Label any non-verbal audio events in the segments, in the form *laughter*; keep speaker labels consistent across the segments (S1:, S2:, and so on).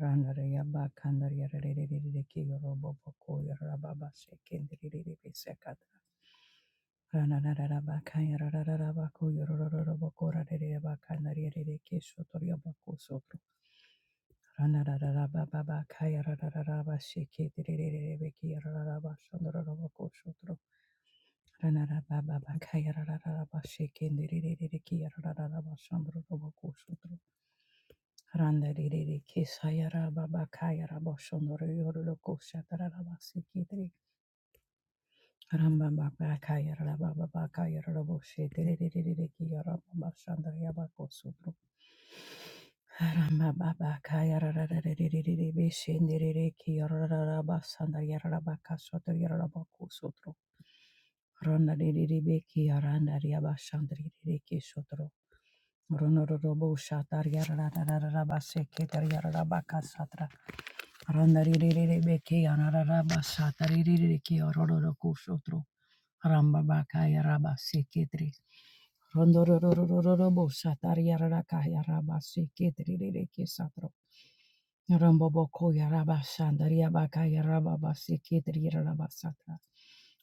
S1: Randaria Bakandaria Riki Roboko Rababa Sekindri Sekata Ranarabakaya Rarabako Yorobokora Bakandaria Riki Sotoriabako Sotro Ranarababakaya Rarababa Sekindri Riki Rarababa Sandorabako Sotro Ranarababakaya Rarababa Sekindri Riki Rarababa Sandorabako Sotro Randaririri Kesayara Baba Kayara Boshondoro Yorolo Koshatara Sikitri Ramba Baba Kayara Baba Bakayara Boshe Tiriri Kiyara Baba Shandara Bako Sutru Ramba Baba Kayara Rariri Bishindiri Kiyara Basandara Yara Baka Sotri Yara Bako Sutru Randaririri Beki Aranda Yaba Shandri Riki Sutru Ronororo Boshatar Yara Rarabase Kitri Yara Baka Satra Randarirereke yarararaba satarereke yarororokoshotro rambabakaya raba seketre rondororororobo satariyararaka yaraba seketrereke satro rambaboko yaraba sandariyabaka yarababa seketri yaraba satra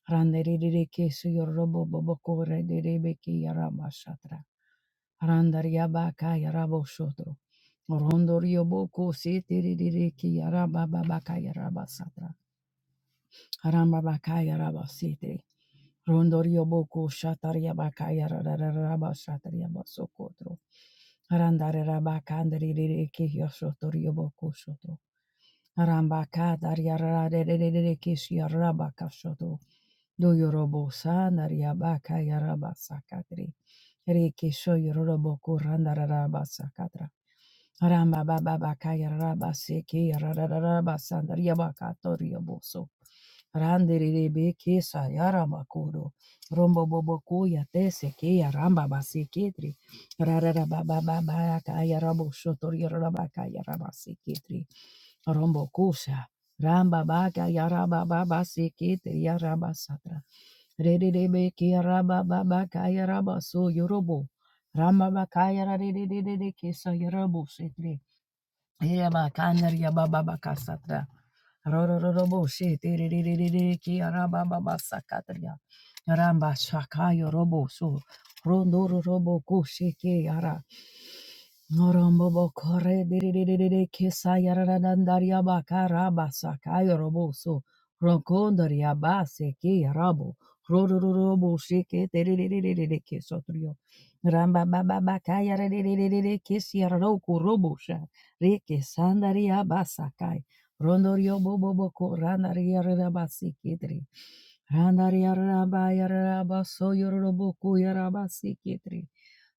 S1: randarirereke suyoroboboboko rederebeke yaraba satra Randaria baka yarabo shodro. Rondoriobo ko se tiriri ki yaraba baba ka yaraba satra. Harambabakaya Rabasiti. Rondorio Boko Shataria Bakaya Rararaba Shataria Basokotro. Harandare Rabakandri Riki Yosotorio Boko Shoto. Harambaka Daria Rarareki Yarabaka Shoto. Do Yorobo Sandaria Bakaya Rabasakatri. Riki Shoyoroboko Randarabasakatra. Ramba baba bakaya raba seke rarararaba sandaria bakatoria boso. Randere beke sa yarama koro. Rombo bobo kuya tese ke ya ramba basi ketri. Rarara baba baba kaya rabo shotoria raba kaya raba seketri. Rombo kusa Ramba baka yaraba baba seketri yaraba satra. Rede de beke yaraba baba kaya raba so yorobo. Ramabakaya rarererereke sayarabusetre. Yeba kanaria baba baka satra. Rororobo she tiririririri ki araba baba sakatria. Ramba shakayo robo so. Rondoro robo ko ki ara. Norombo bo kore diriririri ki sayararandaria baka raba sakayo robo so. Rokondaria base ki arabo. Rororobo she ki tiririririri ki sotrio. Ramba baba baka yaraririri ki siaroko robo Reke sandaria basakai. Rondorio boboboko randaria rabasi kitri. Randaria rabaya rabaso yoroboku yarabasi kitri.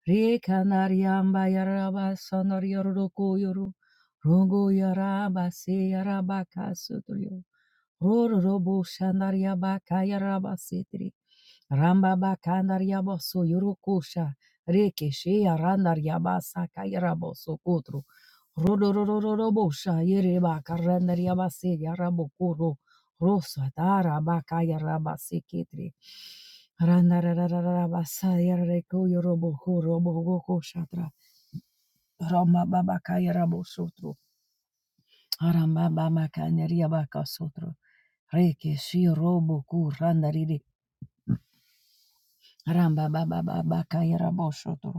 S1: Rekanaria mbaya rabasanorio roku yoru. Rongo yarabasi yarabaka suturio. Rororobo shandaryaba kayaraba sitri. Rambaba kandaryaba so yurukusha. Rekeshe arandaryaba sakayarabo so kutru. Rodorororobo shayereba karandaryaba se yarabo kuro. Rosa daraba kayaraba sikitri. Randarararaba yareko yorobo kuro bogo shatra. Rama baba kayarabo Aramba Arambaba kandaria baka sotro. Reke shi robo ku randariri. Arambaba baba baka yarabo sotro.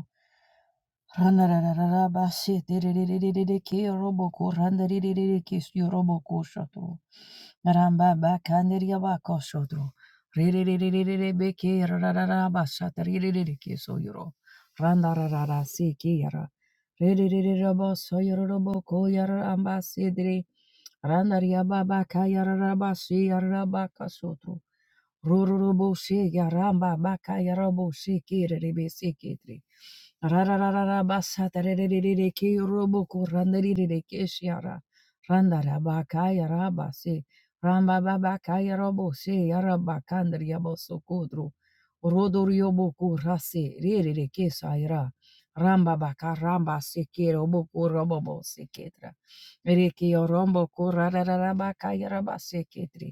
S1: Ranarararara basse Ranarararabashetererererereke roboko randarererere ke randarirerereke yoroboko shotro. Rambaba kanderiabako shotro. Rererererebeke rarararabashatererereke soyoro. Randarararaseke yara. Rererererabo soyoro roboko yara ambasedere. Randariababa kayararabashe yarabaka shotro. Rururubushi yaramba baka yarobo she kere rebe se yarabushi kiribisikitri. Rararararabasataririki rubuku randirikeshi yara. Randarabaka yarabasi. Ramba babaka yarabushi yarabakandar yabosukudru. Rudur yobuku rasi ririkesa yara. Ramba baka ramba sikiro buku robobo sikitra. Riki yorombo kurarara baka yaraba se yarabasikitri.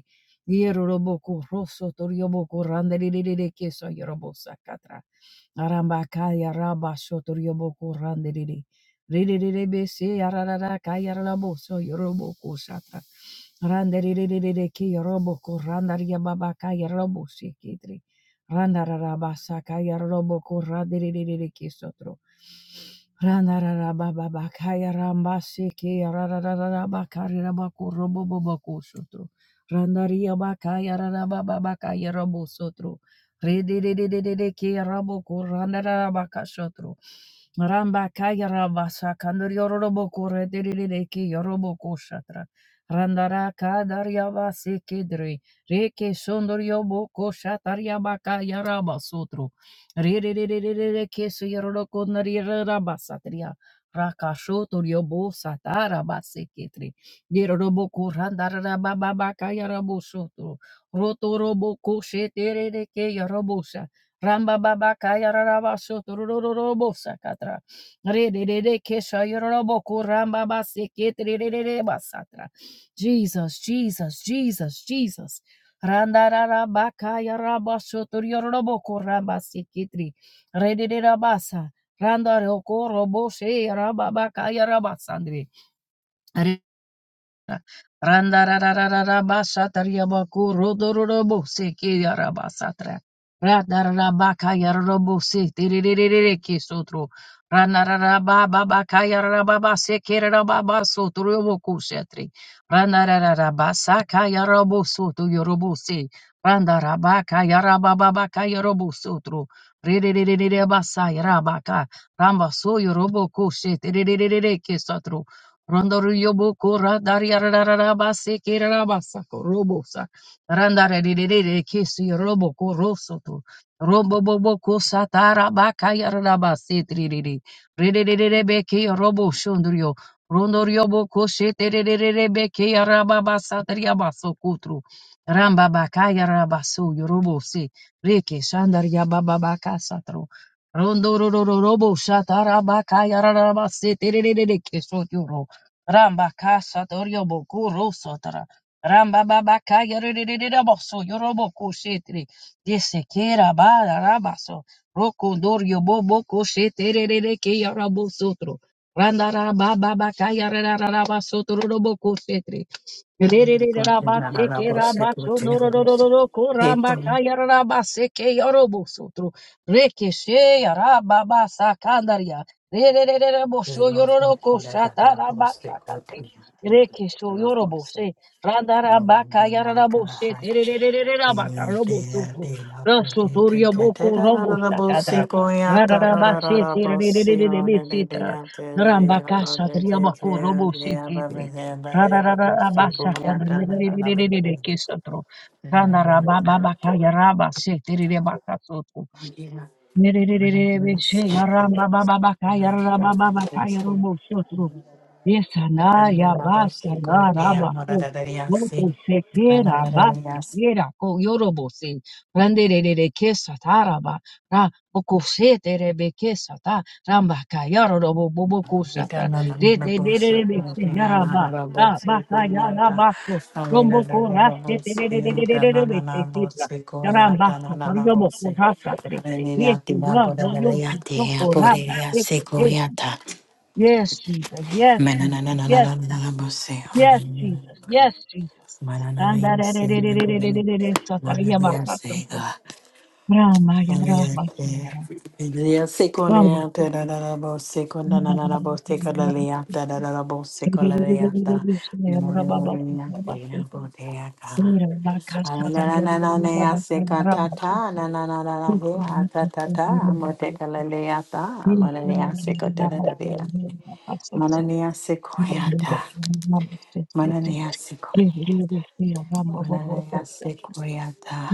S1: Yeroboko rosso torioboko randelelele keso yorobosa katra. Aramba kaya raba shoto yoboko se Rilelele bese yararara kaya raboso yoroboko shatra. Randelelele ke yoroboko randaria baba kaya rabose kitri. Randararabasa kaya roboko randelelele keso tro. Randararababa kaya rambase ke yarararabakari rabako Robobo boko shotro. Randaria bakaya raba bakaya rabo sotro. Rededededede ke rabo ko randara baka sotro. Ramba kaya rabasa kandur yorobo ko redededede ke yorobo ko shatra. Randara kadar yavase kedri. Reke sondur yobo ko shatar yabaka yaraba sotro. Rededededede ke su yoroko nari rabasatria. Rakashotor yobo satara baseketri. Yeroboko randarara bababa kayarabo soto. Roto roboko sheterere ke yarobosa. Ramba baba kayararaba soto rororobosa katra. Rederere kesha yaroboko ramba base keterere basatra. Jesus, Jesus, Jesus, Jesus. Randarara baka yaraba soto yaroboko ramba seketri. Rederere basa. Randaroko robo she yaraba baka yaraba sandre. Randa Randararararabashatariabaku rodorobo sekeyarabasatra. ri setirererereke sotro. Randararabababakayarababa sekerababa sotroboku shetri. Randarararabasakayarabu sotoyorobu se. Randarabakayarabababakayarabu sotro. Rererererebasayarabaka. Rambasoyoroboku shetirererereke sotro. Rondoro yobo kora dari ararara base kerara basa robo sa randare de de de de kesi robo koroso to robo bobo kosa tara baka yarara base tri de de re de de de de beke robo shondrio rondoro yobo koshe te de de de de beke yaraba basa tri abaso kutru ramba baka yarara baso robo se reke shandar yababa baka satro rondoro robo shatara baka yarara base te de de de de keso Ramba casa Rambakasa Doryoboku Rusotara. Rambababaka Yaririboso Yoroboku Shetri. Desekera Bada Rabaso. Roku Doryoboboku Shetereke Yarabosotro. Randarababaka Yarabasotro Roboku Shetri. Rerererabaseke
S2: Thank
S1: rabachodororororoko rambakayararabaseke yorobosotro. Rekeshe yarababasakandariya. Rererererabosho yororoko shatarabasakate. Rekesho yorobose. Randarabakayararabose. Terererererabakarobosotro. Rasotoryaboko roboshakadra. Rararabase terererererebe setra. Rambakashatriyabako roboseketre. Kesotro. Rana raba baba kaya raba se terere baka soto.
S2: you. Hallelujah.
S1: Nerere she yaramba baba baka yaraba baba kaya robo sotro. Isana ya basta na raba ko moto se quiera basta quiera ko yorobo se randere de que sataraba ra boko se tere be que sata ramba kayaro robo bobo ko sata de de de de be se yaraba ra basta ya raba ko rombo ko raste tere de de de de de be se kitra yaramba sata robo ko sata tere Yes, yo no yo ko raba Yes, Jesus. Yes, Jesus. Yes, yes, Jesus. Yes, Jesus.
S2: Manana means
S1: Andarerererererererere,
S2: What
S1: sotaria
S2: did I say,
S1: bakasımsın.
S2: God?
S1: Rama ya Rahma, ya
S2: Hallelujah. Seconda, da da da da, bo seconda, na na na, bo seconda, lea, da da da da, bo seconda, lea, da. More bo lea, lea, bo lea, ka. Ah, Na na na na, lea, seca, ta ta, na na na na na, lea, ta ta ta. Mo seconda, lea, ta. Mo lea, seconda, da da da, lea. Manana seconda,
S1: Yes,
S2: manana
S1: Thank
S2: seconda.
S1: you.
S2: Mananaya sequoyata,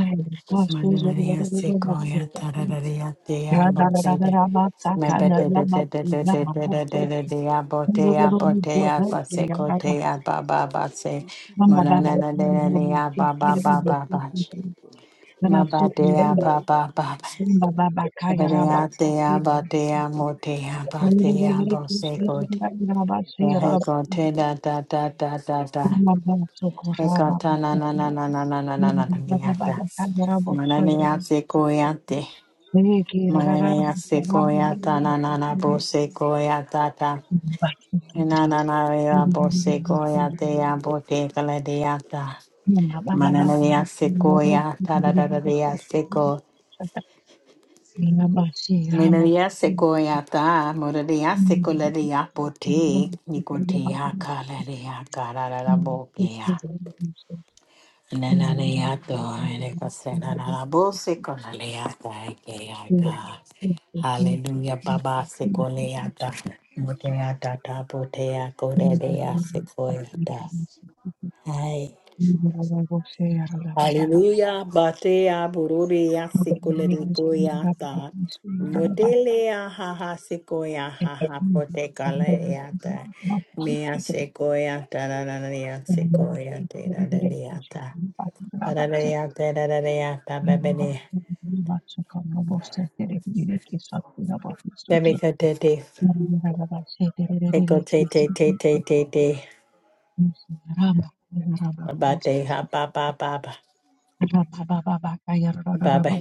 S2: mananaya sequoyata, rararia dea botede, mebede de de de de de de de de de dea botea botea basecotea baba base,
S3: Thank you.
S2: mananana de dea baba baba bach, maba dea baba baba, ebedea dea botea motea botea bosecote, hecote da da da da da da.
S1: Mama socorraba.
S2: Ekata na na na na na na na na na na niyata.
S1: Mama socorraba.
S2: Mananiyase koyate.
S1: Thank you.
S2: Mananiyase koyata na na na bose koyata ta. Na na na ya bose koyate ya bote kaladiyata. Mananiyase koyata da da da diyase ko. Mananiyase koyata muradiyase koladiya bote. Nikote ya kaladiyaka da da da boke Nananiyato, ene kase nananabose konaleyata, ekeyata. Hallelujah, Baba Sekoleyata, Muteata Tapotea Kodea Sekoyata. Hi. Hallelujah, Batea Bururia
S1: Thank
S2: Sekolerikoyata. Motelea haha sekoya haha potekaleata. Mea sekoya tararania sekoya teraraniata. Pararaya, tararaya, tababene. Bebekatete, Ekote te te te. te te. abate, ha, ba, ba, ba, ba, ba, ba.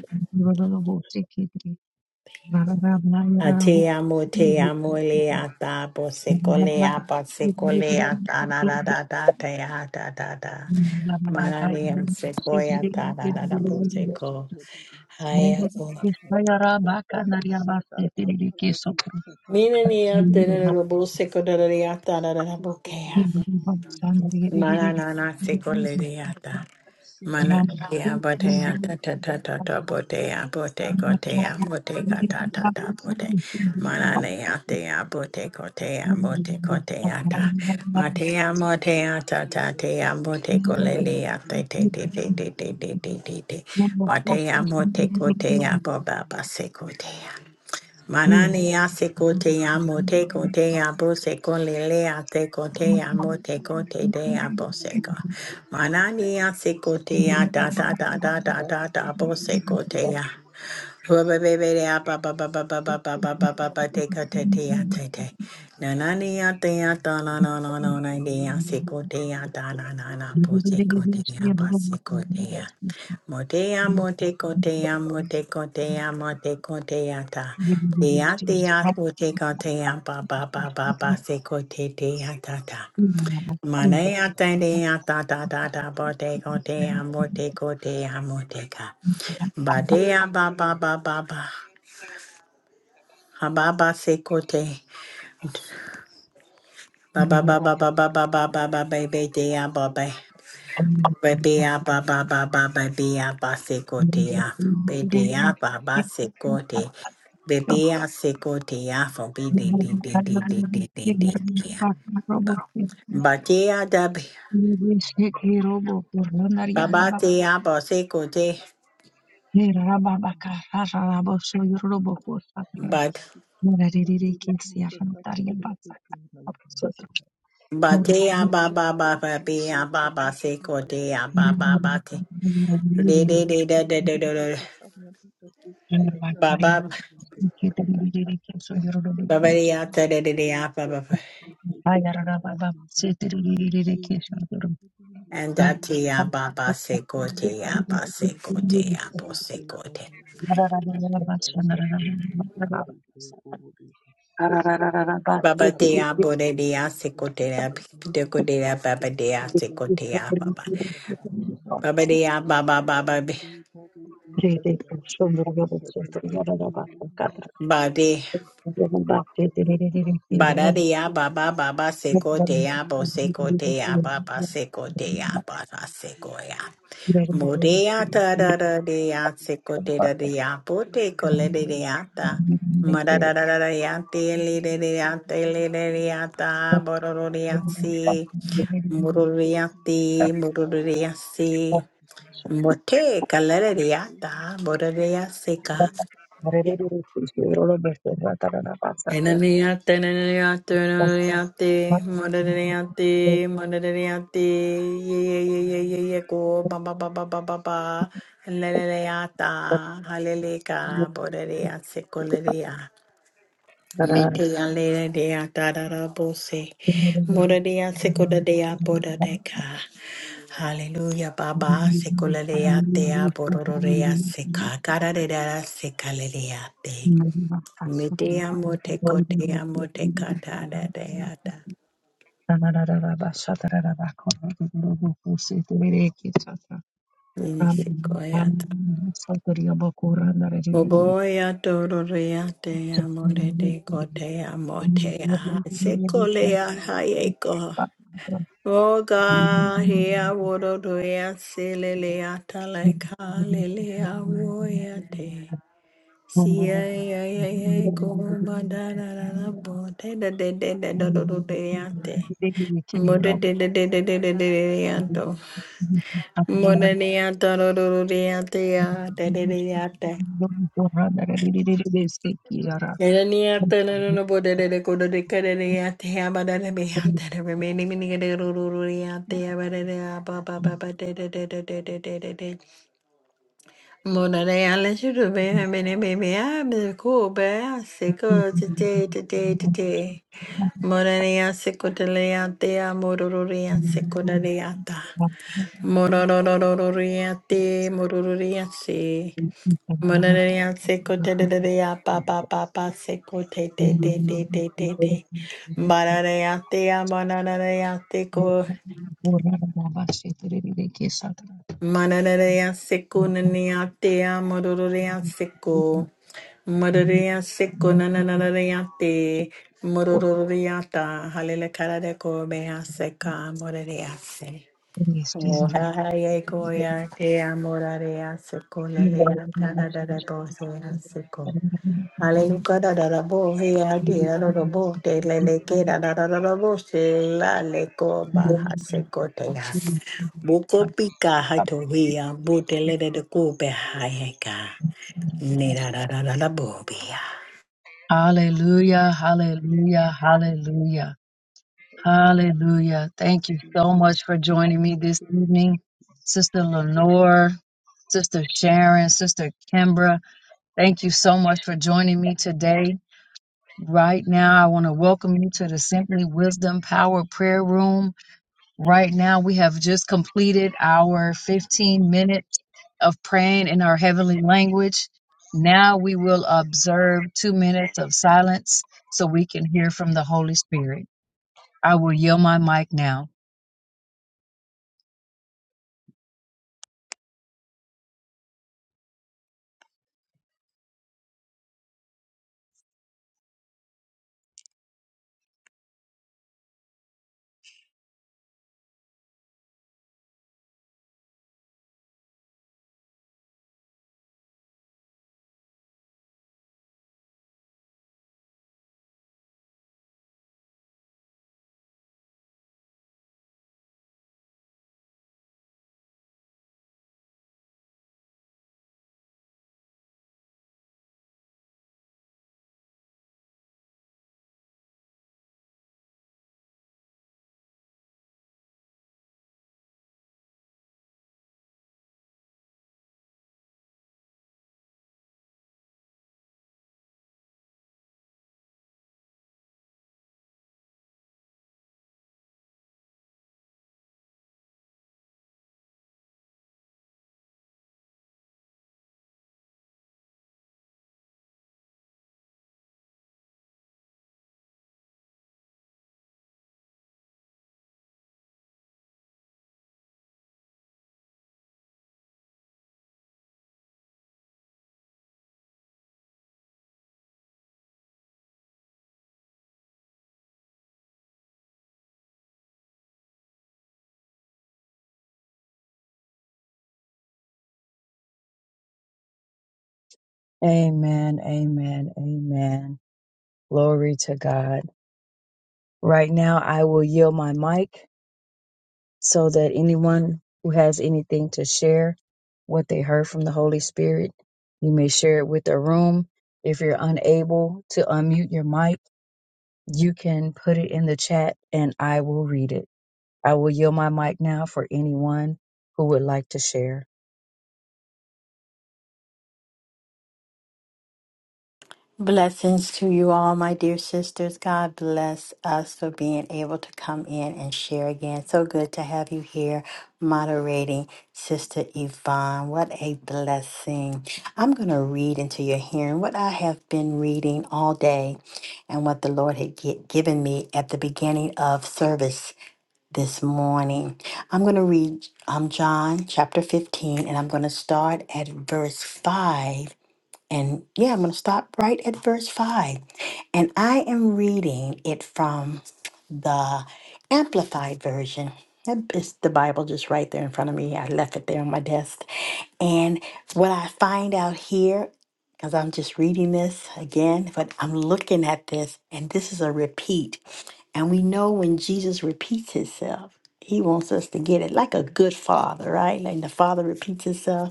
S2: Ate amo, te amo,
S1: you.
S2: le, ata, bo,
S1: Thank
S2: sekole,
S1: you.
S2: apa, sekole, ata, da, da, da, da, te, ata, da, da.
S3: Thank
S2: Marani, am, sekoya, ta, da, da, da, bo, seko. Haya, ko. Mina, ni, ate, na da, da, bo, seko, da, da, da, ata, da, da, da, bo, ke, ata. Manana, sekole, ata. Mana ya botea ta ta ta ta ta bote ya bote kote ya bote kata ta ta ta bote mana ne ya te ya bote kote ya bote kotea ta matea ya mote ya ta ta te ya bote kolele ya te te te te te te
S3: you.
S2: te te te te
S3: Thank
S2: matea mote kotea boba base kote ya. Manani ase kote amo te kote abo se kole le ate kote
S1: Thank
S2: amo te kote de abo se ko. Manani ase kote ya da da da da da da da bo se kote ya. Motea,
S3: you.
S2: mote, cotea, mote, cotea, mote, cotea, ta. Tea, tea, mote, cotea, ba, ba, ba, ba, ba, se, cote, tea, ta, ta.
S1: you.
S2: Manea, tenea, ta, ta, ta, ta, bote, cotea, mote, cotea, mote, ca. Badea, ba, ba, ba, ba, ba. Hababa sekote. Ba ba ba ba ba ba ba ba ba ba ba ba de ya ba ba. Ba be ya ba ba ba ba ba be ya ba sekote ya. Be de ya ba ba sekote. Be be ya sekote ya for be de de de de de de de de de ya. Ba te ya da be. Ba ba te ya ba sekote. Ba
S3: Thank
S2: ba te ya ba ba ba ba be ya ba ba sekote ya ba
S3: you.
S2: ba ba te. De
S3: Thank
S2: de de de de de de de. Ba ba. Babaria tadadadea baba, And datia baba sekote ya ba sekote ya bo sekote. Baba dea boredia sekote ya
S3: you.
S2: dekote ya baba
S3: Thank
S2: dea sekote ya baba. Baba dea baba baba be- bade. Bada dea baba baba
S1: Thank
S2: sekote ya bo sekote ya baba sekote ya baba sekoya. Modeata da da dea seco de da dea pote cole de deata. Madada da da deate le de deate le de deata bororiasi mororiati mororiasi mote cale de deata bororiasica
S3: you.
S2: Enaniyate, enaniyate, enaniyate, modaniyate, modaniyate, ye ye ye ye ye ye ko ba ba ba ba ba ba ba, leleleyata, haleleka, bodaniyase, koleliya. Mite yaleleya, da da da bose, modaniyase, kodadea, bodadeka. Hallelujah, Baba, sekoleleyate, borororeyase, kakararerase, kaleleyate. Me te amo, te co, te amo, te cata, da, te
S1: you.
S2: ata.
S1: Thank
S2: Minisicoyata. Oboya tororea, te amo, re, te co, te amo, te aha. Secolea, hayeco. Oga, hea, wororea, selelea, talaika, lelea, woya, te. Sia, ya, ya, ya, ko, ma, da, da, da, da, bo, te, da, de, de, de, do, do, do, de, ya, te. Mo, de, de, de, de, de, de, de, de, de, ya, to. Monenia dorororia tea dedediate. Elenia
S1: you.
S2: tenobo de codo de cadea tea badana beata remaining minigadoria tea
S3: Thank
S2: badana papa papa de de de de de de de de. Monenia let you do me many baby I'm the cool bear sick of today today today. Monenia secodelea tea mororia secodaleata. Mororororiate mororiate. Mananaya seko te te te te ya pa pa pa pa seko te te te te te te te. Mananaya te ya mananaya seko. Mananaya seko nanaya te ya mororoya seko. Mororoya seko nananaya te. Mororoya ta halele kara de ko beha seka mororoya se. Oh ha ha ye ko ya te ya mororoya seko nanaya kara de ko se ya seko. Hallelujah, da da da bo, hey, I did, da da da bo, de le le ke, da da da da da bo, se la le ko, ba ha se ko te ya. Bo ko pi ka ha to he ya, bo te le de de ko be ha ye ka, ne da da da da da bo be ya.
S1: Hallelujah, hallelujah,
S3: you, Jesus.
S1: hallelujah.
S3: Thank you,
S1: Hallelujah. Thank you so
S3: Jesus. Thank
S1: much for joining me this
S3: you, Jesus.
S1: evening, Sister Lenore, Sister Sharon, Sister Kimbra. Thank you so much for joining me today. Right now, I want to welcome you to the Simply Wisdom Power Prayer Room. Right now, we have just completed our 15 minutes of praying in our heavenly language. Now we will observe two minutes of silence so we can hear from the Holy Spirit. I will yield my mic now. Amen, amen, amen. Glory to God. Right now, I will yield my mic so that anyone who has anything to share what they heard from the Holy Spirit, you may share it with the room. If you're unable to unmute your mic, you can put it in the chat and I will read it. I will yield my mic now for anyone who would like to share.
S2: Blessings to you all, my dear sisters. God bless us for being able to come in and share again. So good to have you here moderating, Sister Yvonne. What a blessing. I'm going to read into your hearing what I have been reading all day and what the Lord had gi- given me at the beginning of service this morning. I'm going to read um, John chapter 15 and I'm going to start at verse 5 and yeah, I'm going to stop right at verse 5. And I am reading it from the Amplified Version. That is the Bible just right there in front of me. I left it there on my desk. And what I find out here, because I'm just reading this again, but I'm looking at this, and this is a repeat. And we know when Jesus repeats himself, he wants us to get it like a good father, right? Like the father repeats himself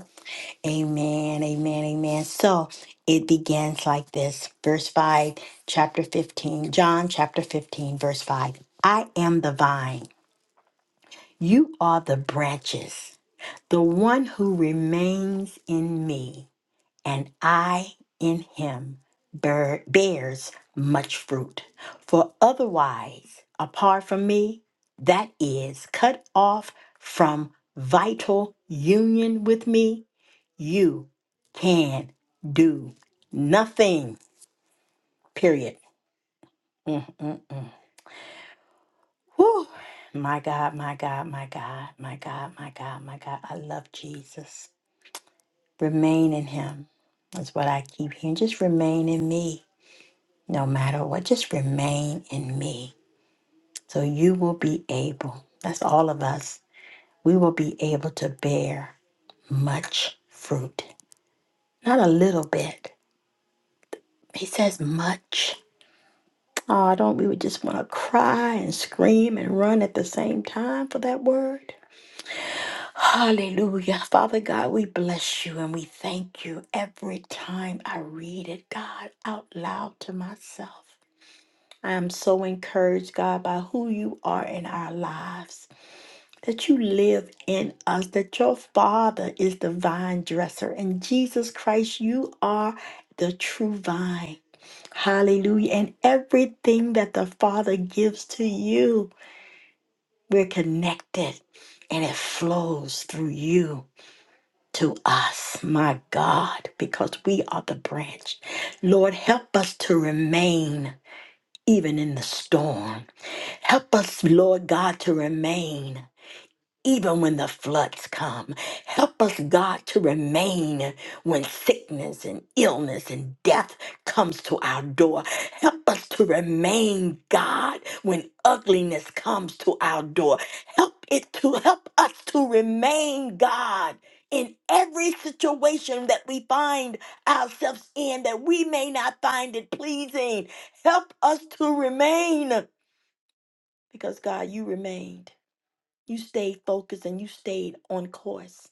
S2: Amen, amen, amen. So it begins like this. Verse 5, chapter 15, John chapter 15, verse 5. I am the vine, you are the branches. The one who remains in me and I in him bear, bears much fruit. For otherwise, apart from me, that is cut off from vital union with me you can do nothing, period. Mm-mm-mm. Whew. My God, my God, my God, my God, my God, my God. I love Jesus. Remain in Him is what I keep hearing. Just remain in me no matter what. Just remain in me. So you will be able, that's all of us, we will be able to bear much fruit. Not a little bit. He says much. Oh, don't we would just want to cry and scream and run at the same time for that word? Hallelujah. Father God, we bless you and we thank you every time I read it, God, out loud to myself. I am so encouraged, God, by who you are in our lives, that you live in us, that your Father is the vine dresser, and Jesus Christ, you are the true vine. Hallelujah. And everything that the Father gives to you, we're connected and it flows through you to us, my God, because we are the branch. Lord, help us to remain even in the storm. Help us, Lord God, to remain even when the floods come. Help us, God, to remain when sickness and illness and death comes to our door. Help us to remain, God, when ugliness comes to our door. Help it to help us to remain, God. In every situation that we find ourselves in, that we may not find it pleasing, help us to remain because God, you remained. You stayed focused and you stayed on course,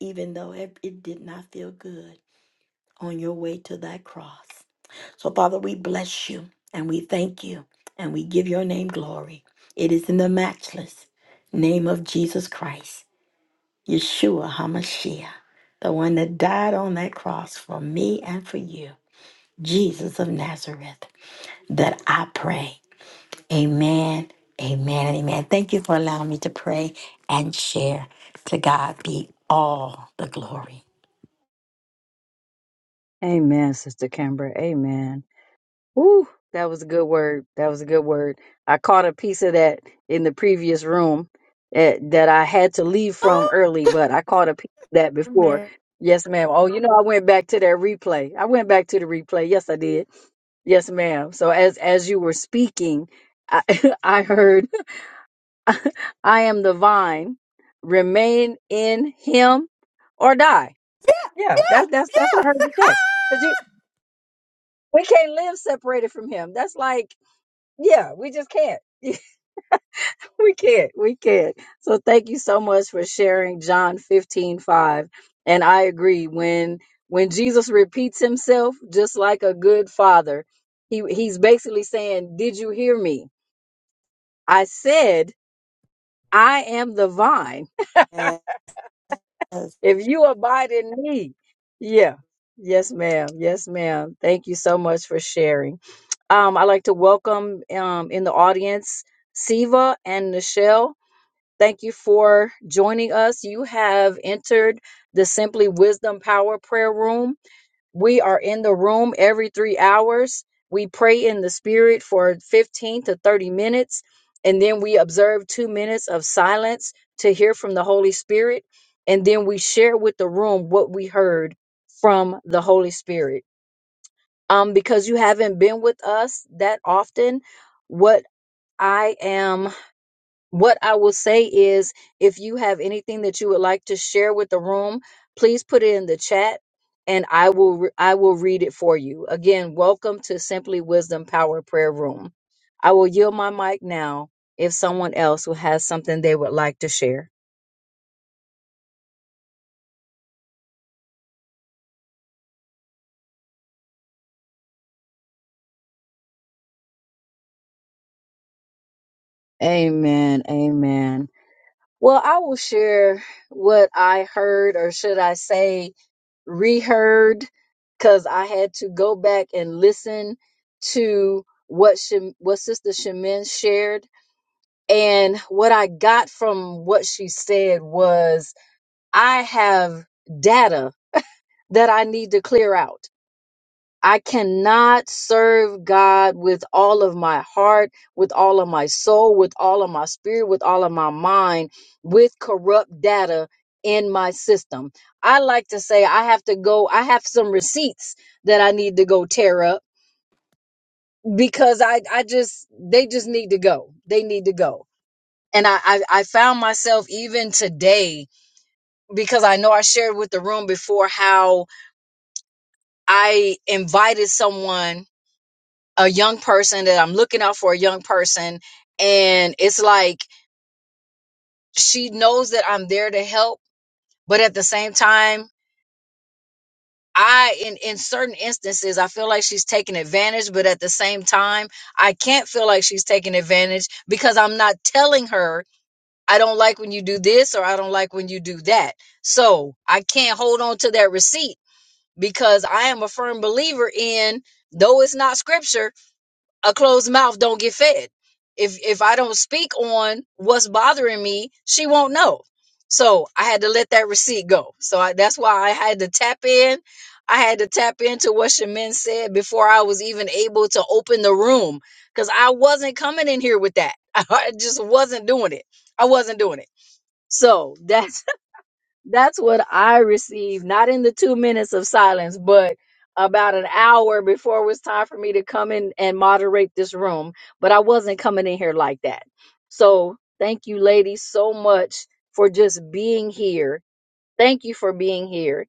S2: even though it, it did not feel good on your way to that cross. So, Father, we bless you and we thank you and we give your name glory. It is in the matchless name of Jesus Christ, Yeshua HaMashiach, the one that died on that cross for me and for you, Jesus of Nazareth, that I pray. Amen. Amen. and Amen. Thank you for allowing me to pray and share. To God be all the glory.
S1: Amen, Sister Kimbra. Amen. Woo, that was a good word. That was a good word. I caught a piece of that in the previous room eh, that I had to leave from early, but I caught a piece of that before.
S2: Amen.
S1: Yes, ma'am. Oh, you know, I went back to that replay. I went back to the replay. Yes, I did. Yes, ma'am. So as as you were speaking, I, *laughs* I heard, "I am the vine. Remain in Him, or die." Yeah, that's that's that's
S2: Yeah.
S1: what I heard you say. Because we can't live separated from Him. That's like yeah, we just can't. *laughs* we can't. We can't. So thank you so much for sharing John 15 5, And I agree. When when Jesus repeats himself, just like a good father, he he's basically saying, Did you hear me? I said, I am the vine. *laughs*
S2: Yeah. Yes.
S1: If you abide in me. Yeah. Yes, ma'am. Yes, ma'am. Thank you so much for sharing. Um, I'd like to welcome um, in the audience Siva and Nichelle. Thank you for joining us. You have entered the Simply Wisdom Power Prayer Room. We are in the room every three hours. We pray in the Spirit for 15 to 30 minutes, and then we observe two minutes of silence to hear from the Holy Spirit. And then we share with the room what we heard from the Holy Spirit. Um, because you haven't been with us that often, what I am what I will say is if you have anything that you would like to share with the room, please put it in the chat and I will re- I will read it for you. Again, welcome to Simply Wisdom Power Prayer Room. I will yield my mic now if someone else who has something they would like to share. Amen. Amen. Well, I will share what I heard, or should I say, reheard, because I had to go back and listen to what Shem, what Sister Shemin shared, and what I got from what she said was, I have data that I need to clear out. I cannot serve God with all of my heart, with all of my soul, with all of my spirit, with all of my mind, with corrupt data in my system. I like to say I have to go, I have some receipts that I need to go tear up because I, I just, they just need to go. They need to go. And I, I, I found myself even today, because I know I shared with the room before how I invited someone a young person that I'm looking out for a young person and it's like she knows that I'm there to help but at the same time I in in certain instances I feel like she's taking advantage but at the same time I can't feel like she's taking advantage because I'm not telling her I don't like when you do this or I don't like when you do that. So, I can't hold on to that receipt because I am a firm believer in though it's not scripture a closed mouth don't get fed. If if I don't speak on what's bothering me, she won't know. So I had to let that receipt go. So I, that's why I had to tap in. I had to tap into what Shamin said before I was even able to open the room because I wasn't coming in here with that. *laughs* I just wasn't doing it. I wasn't doing it. So that's that's what I received, not in the two minutes of silence, but about an hour before it was time for me to come in and moderate this room. But I wasn't coming in here like that. So thank you, ladies, so much for just being here. Thank you for being here.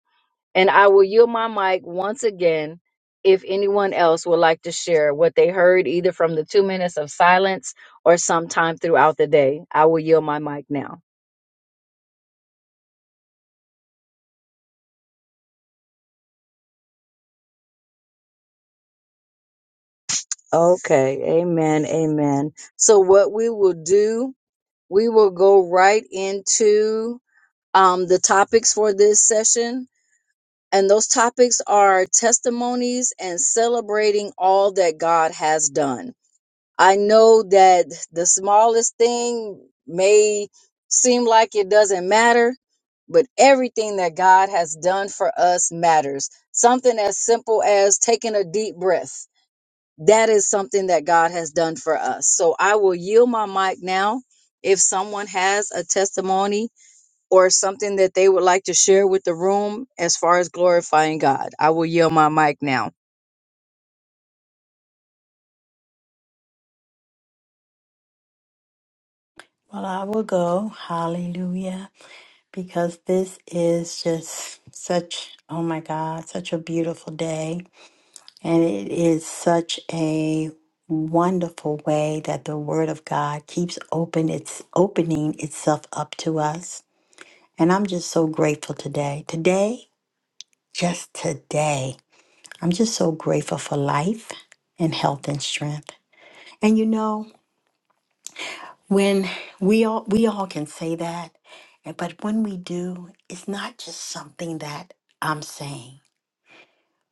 S1: And I will yield my mic once again if anyone else would like to share what they heard either from the two minutes of silence or sometime throughout the day. I will yield my mic now. Okay, amen, amen. So what we will do, we will go right into um, the topics for this session. And those topics are testimonies and celebrating all that God has done. I know that the smallest thing may seem like it doesn't matter, but everything that God has done for us matters. Something as simple as taking a deep breath that is something that God has done for us. So I will yield my mic now. If someone has a testimony or something that they would like to share with the room as far as glorifying God, I will yield my mic now.
S2: Well, I will go. Hallelujah. Because this is just such, oh my God, such a beautiful day. And it is such a wonderful way that the Word of God keeps open, it's opening itself up to us. And I'm just so grateful today. Today, just today, I'm just so grateful for life and health and strength. And you know, when we all we all can say that, and- but when we do, it's not just something that I'm saying.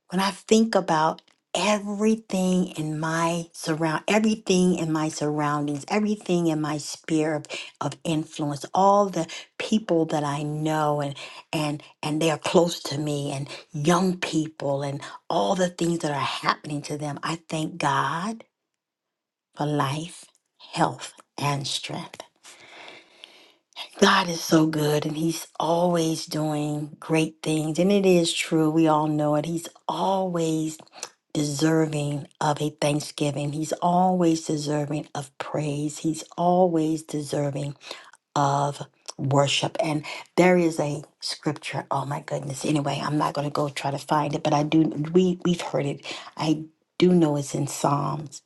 S2: when I think about everything in my surround everything in my surroundings everything in my sphere of, of influence all the people that i know and and and they are close to me and young people and all the things that are happening to them i thank god for life health and strength god is so good and he's always doing great things and it is true we all know it he's always deserving of a thanksgiving. He's always deserving of praise. He's always deserving of worship. And there is a scripture. Oh my goodness. Anyway, I'm not going to go try to find it, but I do we we've heard it. I do know it's in Psalms.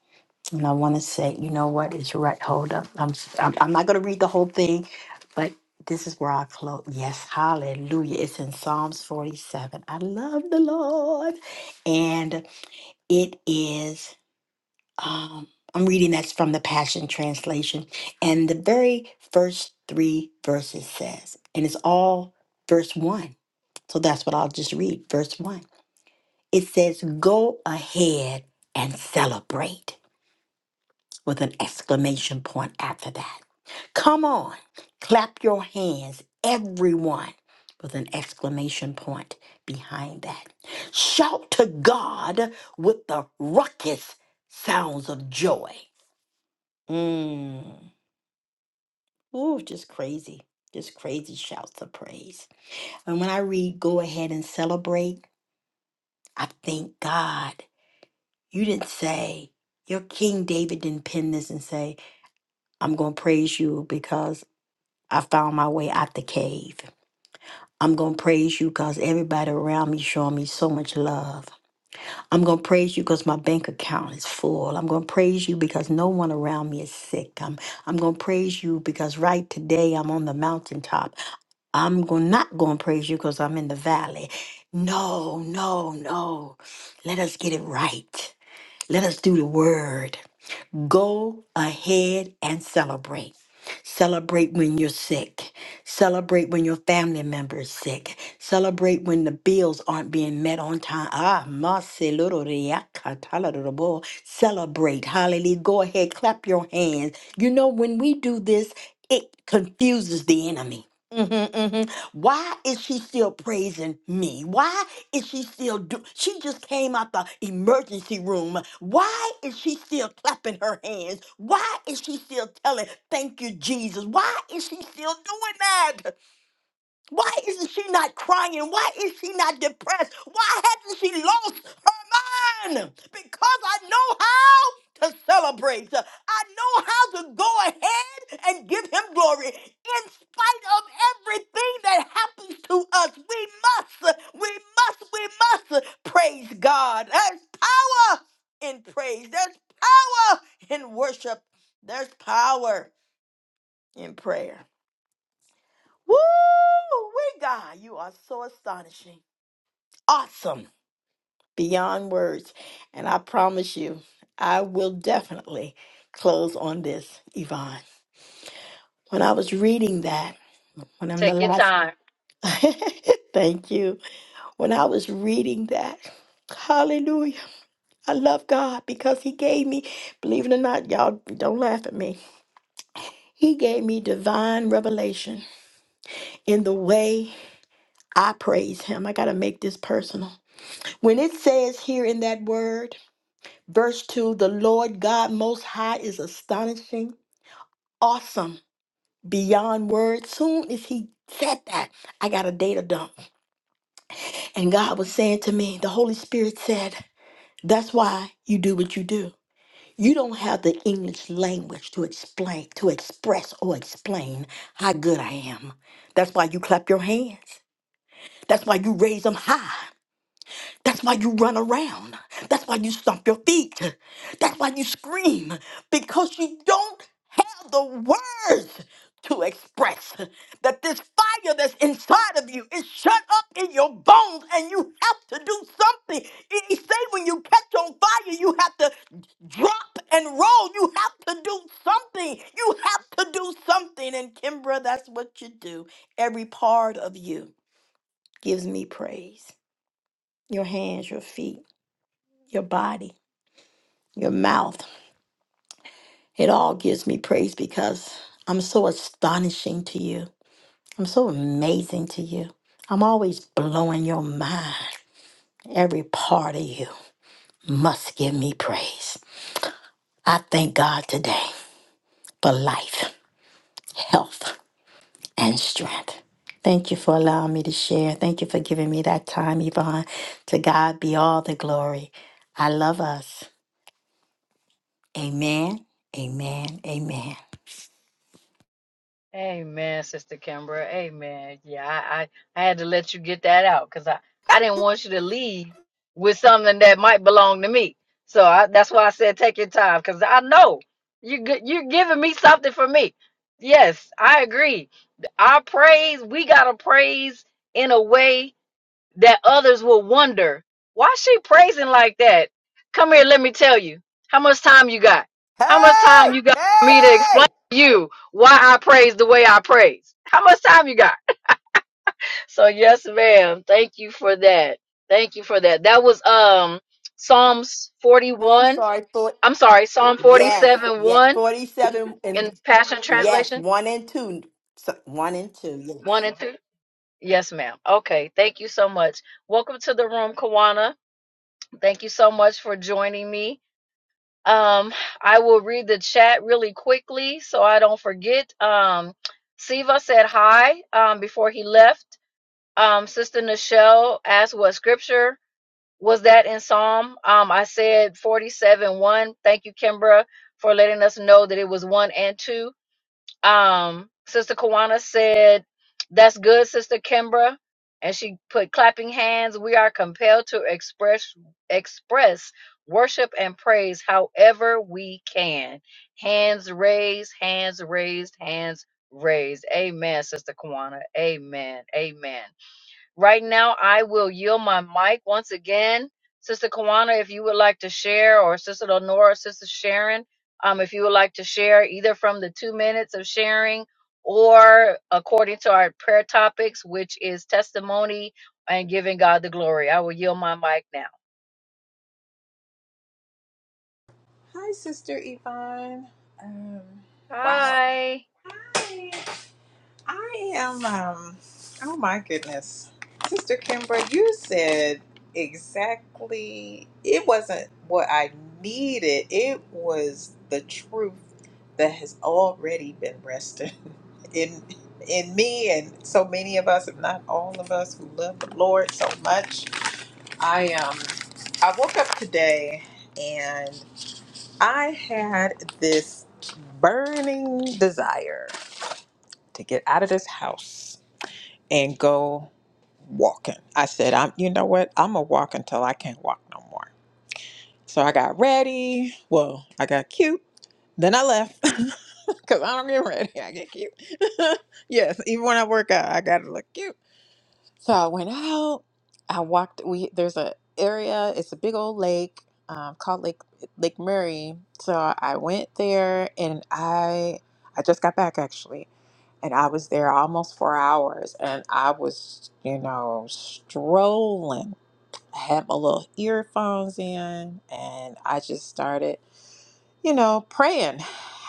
S2: And I want to say, you know what? It's right. Hold up. I'm s- I'm, I'm not going to read the whole thing, but this is where I close. Yes, hallelujah. It's in Psalms 47. I love the Lord. It is, um, I'm reading that's from the Passion Translation. And the very first three verses says, and it's all verse one. So that's what I'll just read. Verse one. It says, Go ahead and celebrate with an exclamation point after that. Come on, clap your hands, everyone, with an exclamation point behind that. Shout to God with the ruckus sounds of joy. Mm. Ooh, just crazy. Just crazy shouts of praise. And when I read, go ahead and celebrate, I thank God. You didn't say, your King David didn't pen this and say, I'm going to praise you because I found my way out the cave. I'm going to praise you because everybody around me showing me so much love. I'm going to praise you because my bank account is full. I'm going to praise you because no one around me is sick. I'm, I'm going to praise you because right today I'm on the mountaintop. I'm going not going to praise you because I'm in the valley. No, no, no. Let us get it right. Let us do the word. Go ahead and celebrate. Celebrate when you're sick. Celebrate when your family member is sick. Celebrate when the bills aren't being met on time. Ah, maselororiakatalorobo. celebrate. Hallelujah. Go ahead, clap your hands. You know, when we do this, it confuses the enemy. Mhm, mhm. Why is she still praising me? Why is she still do she just came out the emergency room? Why is she still clapping her hands? Why is she still telling thank you, Jesus? Why is she still doing that? Why isn't she not crying? Why is she not depressed? Why hasn't she lost her mind? Because I know how to celebrate. I know how to go ahead and give him glory. In spite of everything that happens to us, we must, we must, we must praise God. There's power in praise, there's power in worship, there's power in prayer. Woo! We God, you are so astonishing, awesome, beyond words. And I promise you, I will definitely close on this, Yvonne. When I was reading that, when I'm the
S1: Take your
S2: last,
S1: time.
S2: *laughs* thank you. When I was reading that, hallelujah. I love God because He gave me, believe it or not, y'all don't laugh at me. He gave me divine revelation in the way I praise Him. I got to make this personal When it says here in that word, verse 2, the Lord God Most High is astonishing, awesome, beyond words. Soon as He said that, I got a data dump. And God was saying to me, the Holy Spirit said, That's why you do what you do. You don't have the English language to explain, to express or explain how good I am. That's why you clap your hands. That's why you raise them high. That's why you run around. That's why you stomp your feet. That's why you scream because you don't have the words to express that this fire that's inside of you is shut up in your bones and you have to do something. It- it say when you catch on fire, you have to drop and roll. You have to do something. You have to do something. And Kimbra, that's what you do. Every part of you gives me praise. Your hands, your feet your body, your mouth. It all gives me praise because I'm so astonishing to you. I'm so amazing to you. I'm always blowing your mind. Every part of you must give me praise. I thank God today for life, health, and strength. Thank you for allowing me to share. Thank you for giving me that time, Yvonne. To God be all the glory. I love us. Amen, amen, amen.
S1: Amen, Sister Kimbra. Amen. Yeah, I, I, I had to let you get that out because I, I didn't want you to leave with something that might belong to me. So I, that's why I said take your time because I know you g- you're giving me something for me. Yes, I agree. Our praise, we gotta praise in a way that others will wonder why she praising like that. Come here, let me tell you. How much time you got? How much time
S2: Hey!
S1: you got for me to explain
S2: Hey!
S1: to you why I praise the way I praise? How much time you got? So yes, ma'am. Thank you for that. Thank you for that. That was um Psalms
S2: Oh, I'm
S1: 41.
S2: sorry. For,
S1: I'm sorry, Psalm
S2: yes,
S1: 47
S2: yes,
S1: 1
S2: forty-seven and
S1: in Passion
S2: yes,
S1: Translation.
S2: one and two, so, one and two.
S1: One
S2: Yes.
S1: and two. Yes, ma'am. Okay. Thank you so much. Welcome to the room, Kawana. Thank you so much for joining me. Um, I will read the chat really quickly so I don't forget. Um, Siva said hi um, before he left. Um, Sister Nichelle asked what scripture was that in Psalm. Um, I said 47 1. Thank you, Kimbra, for letting us know that it was 1 and 2. Um, Sister Kawana said, That's good, Sister Kimbra. And she put clapping hands. We are compelled to express express worship and praise however we can. Hands raised, hands raised, hands raised. Amen, Sister Kawana. Amen. Amen. Right now, I will yield my mic once again. Sister Kawana, if you would like to share, or Sister Lenora, Sister Sharon, um, if you would like to share either from the two minutes of sharing or according to our prayer topics, which is testimony and giving God the glory. I will yield my mic now.
S4: Hi, Sister Yvonne. Um, wow.
S1: Hi.
S4: Hi. I am, um, oh my goodness. Sister Kimbra, you said exactly, it wasn't what I needed. It was the truth that has already been resting *laughs* in in me and so many of us, if not all of us, who love the Lord so much. I um I woke up today and. I had this burning desire to get out of this house and go walking. I said, I'm you know what? I'm gonna walk until I can't walk no more. So I got ready. Well, I got cute. Then I left *laughs* because I don't get ready. I get cute. *laughs* yes, even when I work out, I gotta look cute. So I went out. I walked. We there's a area. It's a big old lake um, called Lake Lake Murray. So I went there, and I I just got back actually, and I was there almost four hours, and I was you know strolling. I had my little earphones in, and I just started you know praying,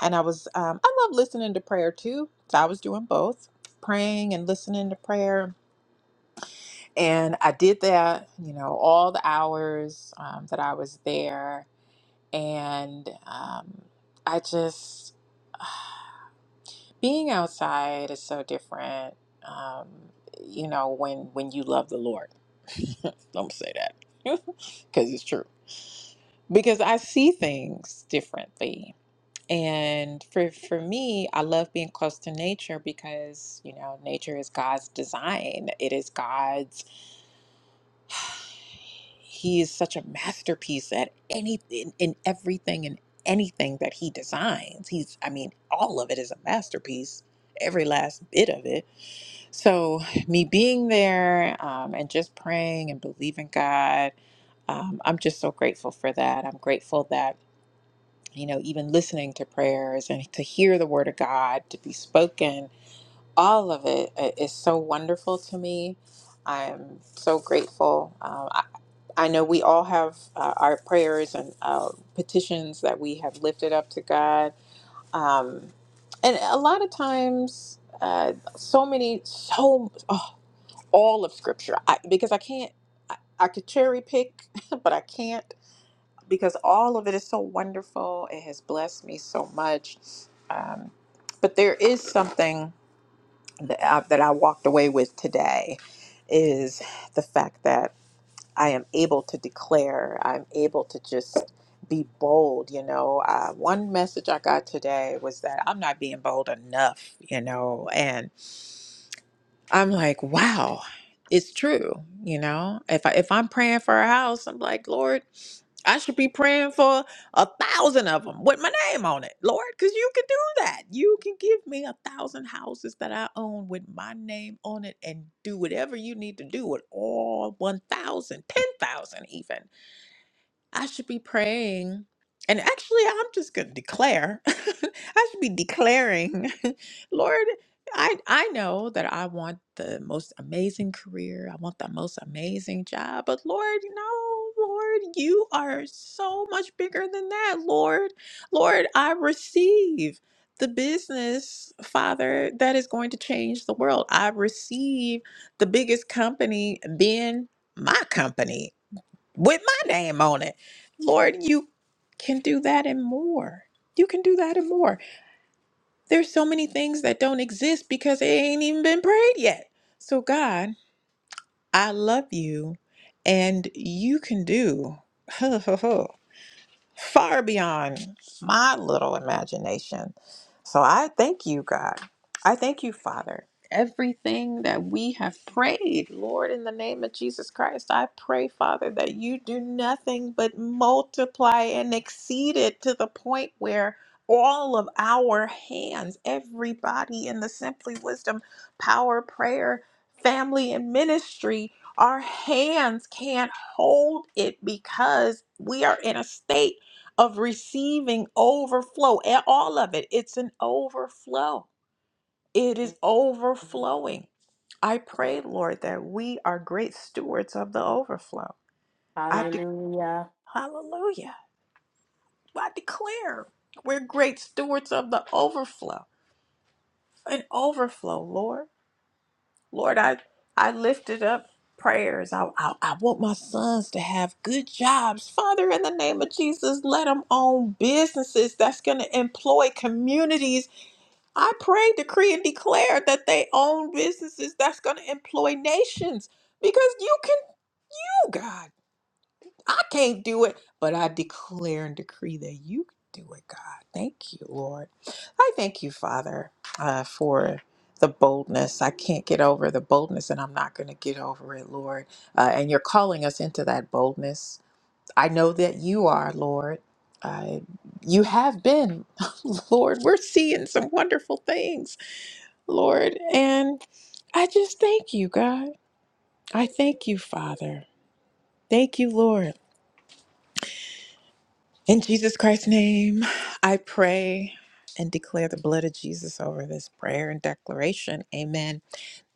S4: and I was um, I love listening to prayer too. So I was doing both, praying and listening to prayer and I did that, you know, all the hours um, that I was there. And um, I just, being outside is so different, um, you know, when, when you love the Lord. *laughs* Don't say that *laughs* because it's true. Because I see things differently. And for, for me, I love being close to nature because, you know, nature is God's design. It is God's He is such a masterpiece at anything, in everything and anything that he designs. He's, I mean, all of it is a masterpiece, every last bit of it. So, me being there um, and just praying and believing God, um, I'm just so grateful for that. I'm grateful that, you know, even listening to prayers and to hear the word of God to be spoken all of it i- is so wonderful to me. I'm so grateful. Um, I, I know we all have uh, our prayers and uh, petitions that we have lifted up to God. Um, and a lot of times, uh, so many, so oh, all of Scripture, I, because I can't, I, I could cherry pick, *laughs* but I can't because all of it is so wonderful. It has blessed me so much. Um, but there is something that I, that I walked away with today is the fact that I am able to declare, I'm able to just be bold. You know, uh, one message I got today was that I'm not being bold enough, you know, and. I'm like, wow, it's true. You know, if I if I'm praying for a house, I'm like, Lord, I should be praying for a thousand of them with my name on it, Lord, because you can do that. You can give me a thousand houses that I own with my name on it and do whatever you need to do with all 1,000, 10,000, even. I should be praying. And actually, I'm just going to declare. *laughs* I should be declaring, *laughs* Lord, I I know that I want the most amazing career. I want the most amazing job. But Lord, no, Lord, you are so much bigger than that, Lord. Lord, I receive the business, Father, that is going to change the world. I receive the biggest company being my company with my name on it. Lord, you can do that and more. You can do that and more. There's so many things that don't exist because they ain't even been prayed yet. So, God, I love you and you can do. *laughs* far beyond my little imagination. So I thank you, God. I thank you, Father. Everything that we have prayed, Lord, in the name of Jesus Christ, I pray, Father, that you do nothing but multiply and exceed it to the point where all of our hands, everybody in the Simply Wisdom Power Prayer family and ministry, our hands can't hold it because we are in a state of receiving overflow, a- all of it. It's an overflow. It is overflowing. I pray, Lord, that we are great stewards of the overflow. I de-
S2: Hallelujah.
S4: hallelujah. I declare we're great stewards of the overflow. An overflow, Lord. Lord, I I lifted up prayers. I, I, I want my sons to have good jobs. Father, in the name of Jesus, let them own businesses that's going to employ communities I pray, decree, and declare that they own businesses that's going to employ nations because you can do God. I can't do it, but I declare and decree that you can do it, God. Thank you, Lord. I thank you, Father, uh, for the boldness. I can't get over the boldness, and I'm not going to get over it, Lord. Uh, and you're calling us into that boldness. I know that you are, Lord. Uh, you have been, *laughs* Lord. We're seeing some wonderful things Lord. And I just thank you, God. I thank you, Father. Thank you, Lord. In Jesus Christ's name, I pray and declare the blood of Jesus over this prayer and declaration. Amen.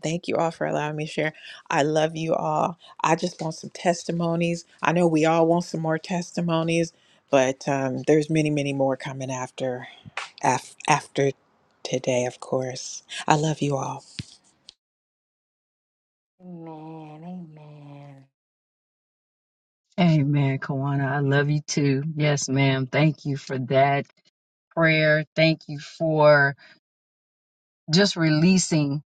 S4: Thank you all for allowing me to share. I love you all. I just want some testimonies. I know we all want some more testimonies, but um, there's many, many more coming after af- after today, of course. I love you all.
S2: Amen. Amen.
S1: Amen, Kawana. I love you too. Yes, ma'am. Thank you for that prayer. Thank you for just releasing.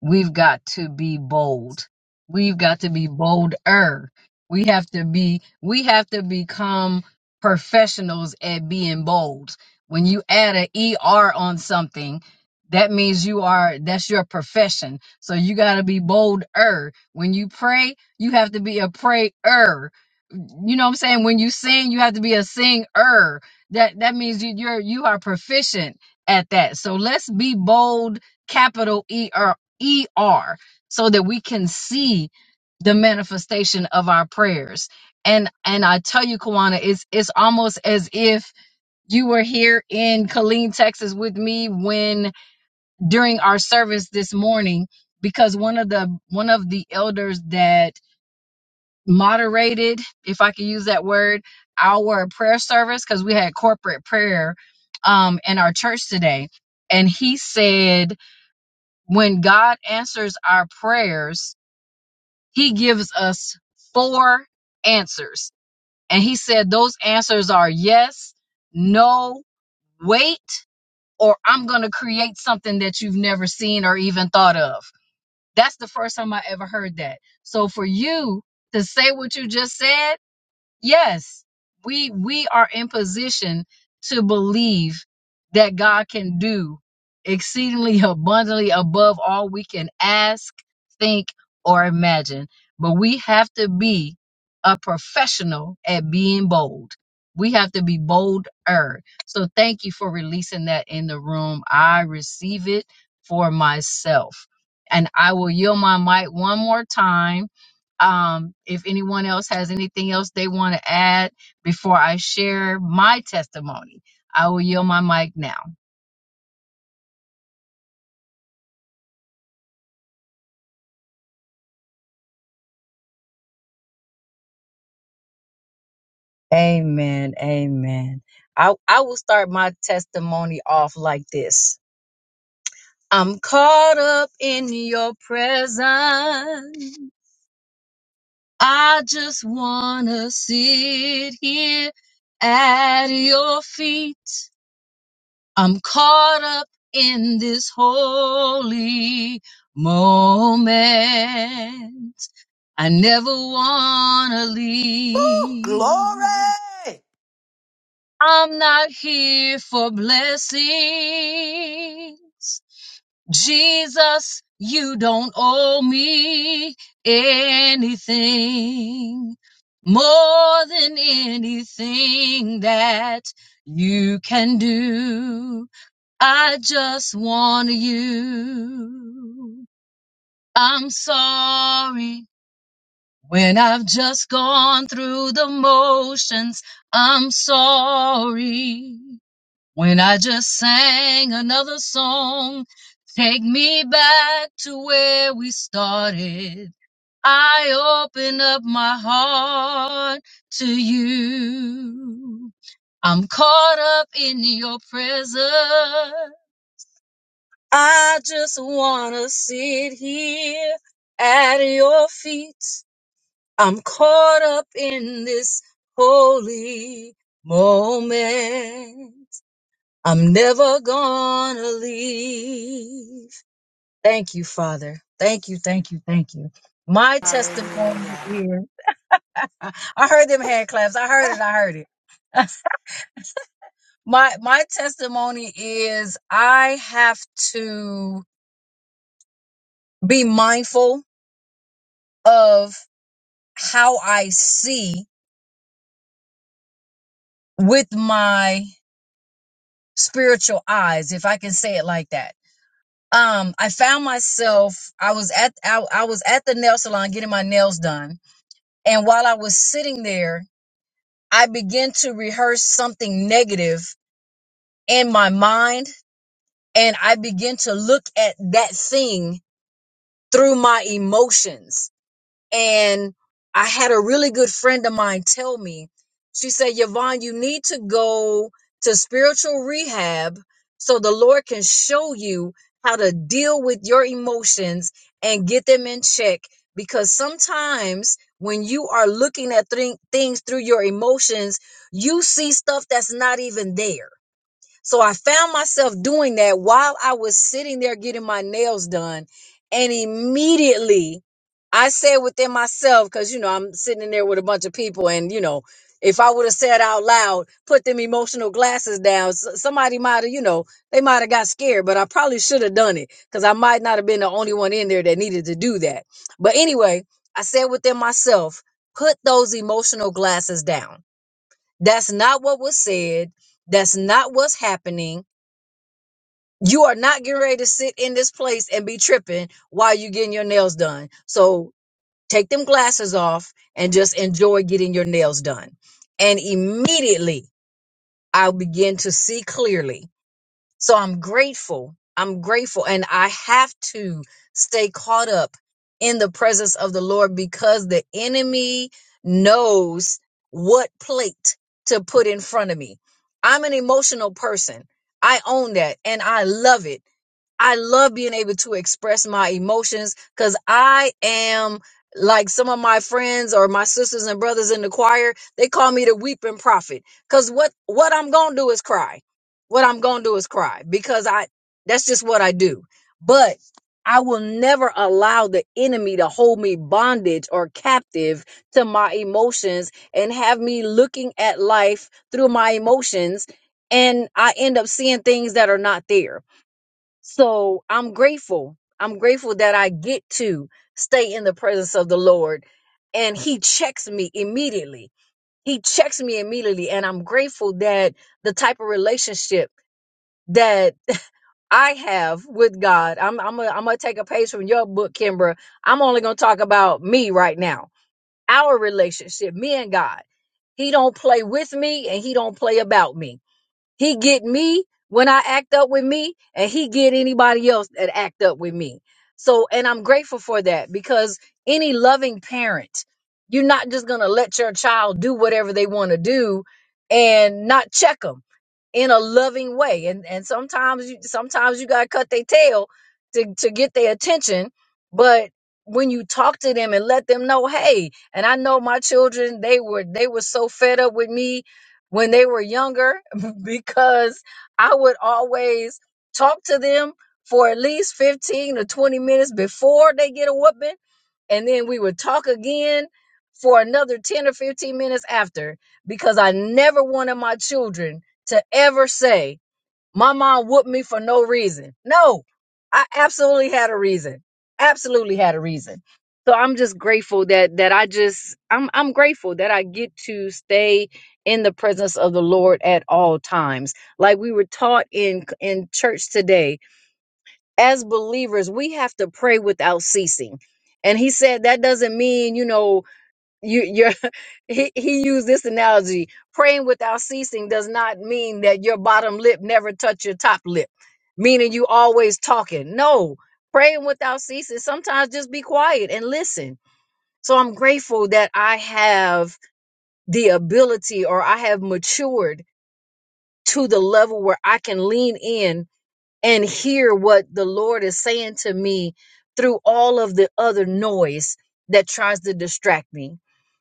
S1: We've got to be bold. We've got to be bolder. We have to be we have to become professionals at being bold. When you add an ER on something, that means you are that's your profession. So you got to be bolder. When you pray, you have to be a prayer you know what I'm saying? When you sing, you have to be a singer. That that means you you're you are proficient at that. So let's be bold, capital ER. ER so that we can see the manifestation of our prayers. And and I tell you, Kawana, it's it's almost as if you were here in Killeen, Texas with me when during our service this morning, because one of the one of the elders that moderated, if I could use that word, our prayer service, because we had corporate prayer um in our church today. And he said, when God answers our prayers, he gives us four answers. And he said those answers are yes, no, wait, or I'm going to create something that you've never seen or even thought of. That's the first time I ever heard that. So for you to say what you just said, Yes, we we are in position to believe that God can do exceedingly *laughs* abundantly above all we can ask, think, or imagine. But we have to be a professional at being bold. We have to be bolder. So thank you for releasing that in the room. I receive it for myself. And I will yield my mic one more time um, if anyone else has anything else they want to add before I share my testimony, I will yield my mic now. Amen. Amen. I, I will start my testimony off like this. I'm caught up in your presence. I just want to sit here at your feet. I'm caught up in this holy moment. I never wanna
S2: Ooh,
S1: leave.
S2: glory!
S1: I'm not here for blessings. Jesus, you don't owe me anything more than anything that you can do. I just want you. I'm sorry when I've just gone through the motions. I'm sorry when I just sang another song. Take me back to where we started. I open up my heart to you. I'm caught up in your presence. I just wanna sit here at your feet. I'm caught up in this holy moment. I'm never gonna leave. Thank you, Father. Thank you, thank you, thank you. My testimony
S2: Hallelujah.
S1: is I, I heard them hand claps. I heard it, I heard it. My my testimony is I have to be mindful of how I see with my spiritual eyes, if I can say it like that. Um, I found myself, I was at, I, I was at the nail salon getting my nails done. And while I was sitting there, I began to rehearse something negative in my mind. And I began to look at that thing through my emotions And I had a really good friend of mine tell me, she said, Yvonne, you need to go to spiritual rehab so the Lord can show you how to deal with your emotions and get them in check. Because sometimes when you are looking at thing- things through your emotions, you see stuff that's not even there so I found myself doing that while I was sitting there getting my nails done. And immediately I said within myself, because, you know, I'm sitting in there with a bunch of people. And, you know, if I would have said out loud, put them emotional glasses down, s- somebody might have, you know, they might have got scared, but I probably should have done it because I might not have been the only one in there that needed to do that. But anyway, I said within myself, put those emotional glasses down. That's not what was said. That's not what's happening you are not getting ready to sit in this place and be tripping while you're getting your nails done. So take them glasses off and just enjoy getting your nails done. And immediately I'll begin to see clearly. So I'm grateful. I'm grateful. And I have to stay caught up in the presence of the Lord because the enemy knows what plate to put in front of me. I'm an emotional person. I own that and I love it I love being able to express my emotions because I am like some of my friends or my sisters and brothers in the choir. They call me the weeping prophet because what what I'm gonna do is cry. What I'm gonna do is cry because I that's just what I do. But I will never allow the enemy to hold me bondage or captive to my emotions and have me looking at life through my emotions. And I end up seeing things that are not there so I'm grateful. I'm grateful that I get to stay in the presence of the Lord and he checks me immediately. He checks me immediately. And I'm grateful that the type of relationship that I have with God, I'm, I'm going to take a page from your book, Kimbra. I'm only going to talk about me right now, our relationship, me and God. He don't play with me and he don't play about me he get me when I act up with me, and he get anybody else that act up with me. So, and I'm grateful for that because any loving parent, you're not just gonna let your child do whatever they want to do and not check them in a loving way. And and sometimes you sometimes you gotta cut their tail to to get their attention. But when you talk to them and let them know, hey, and I know my children, they were they were so fed up with me when they were younger because I would always talk to them for at least 15 or 20 minutes before they get a whooping. And then we would talk again for another 10 or 15 minutes after because I never wanted my children to ever say, my mom whooped me for no reason. No, I absolutely had a reason. Absolutely had a reason. So I'm just grateful that that I just I'm I'm grateful that I get to stay in the presence of the Lord at all times. Like we were taught in in church today, as believers, we have to pray without ceasing. And he said that doesn't mean, you know, you you're *laughs* he, he used this analogy praying without ceasing does not mean that your bottom lip never touch your top lip meaning you always talking no praying without ceasing sometimes just be quiet and listen so i'm grateful that i have the ability or i have matured to the level where i can lean in and hear what the lord is saying to me through all of the other noise that tries to distract me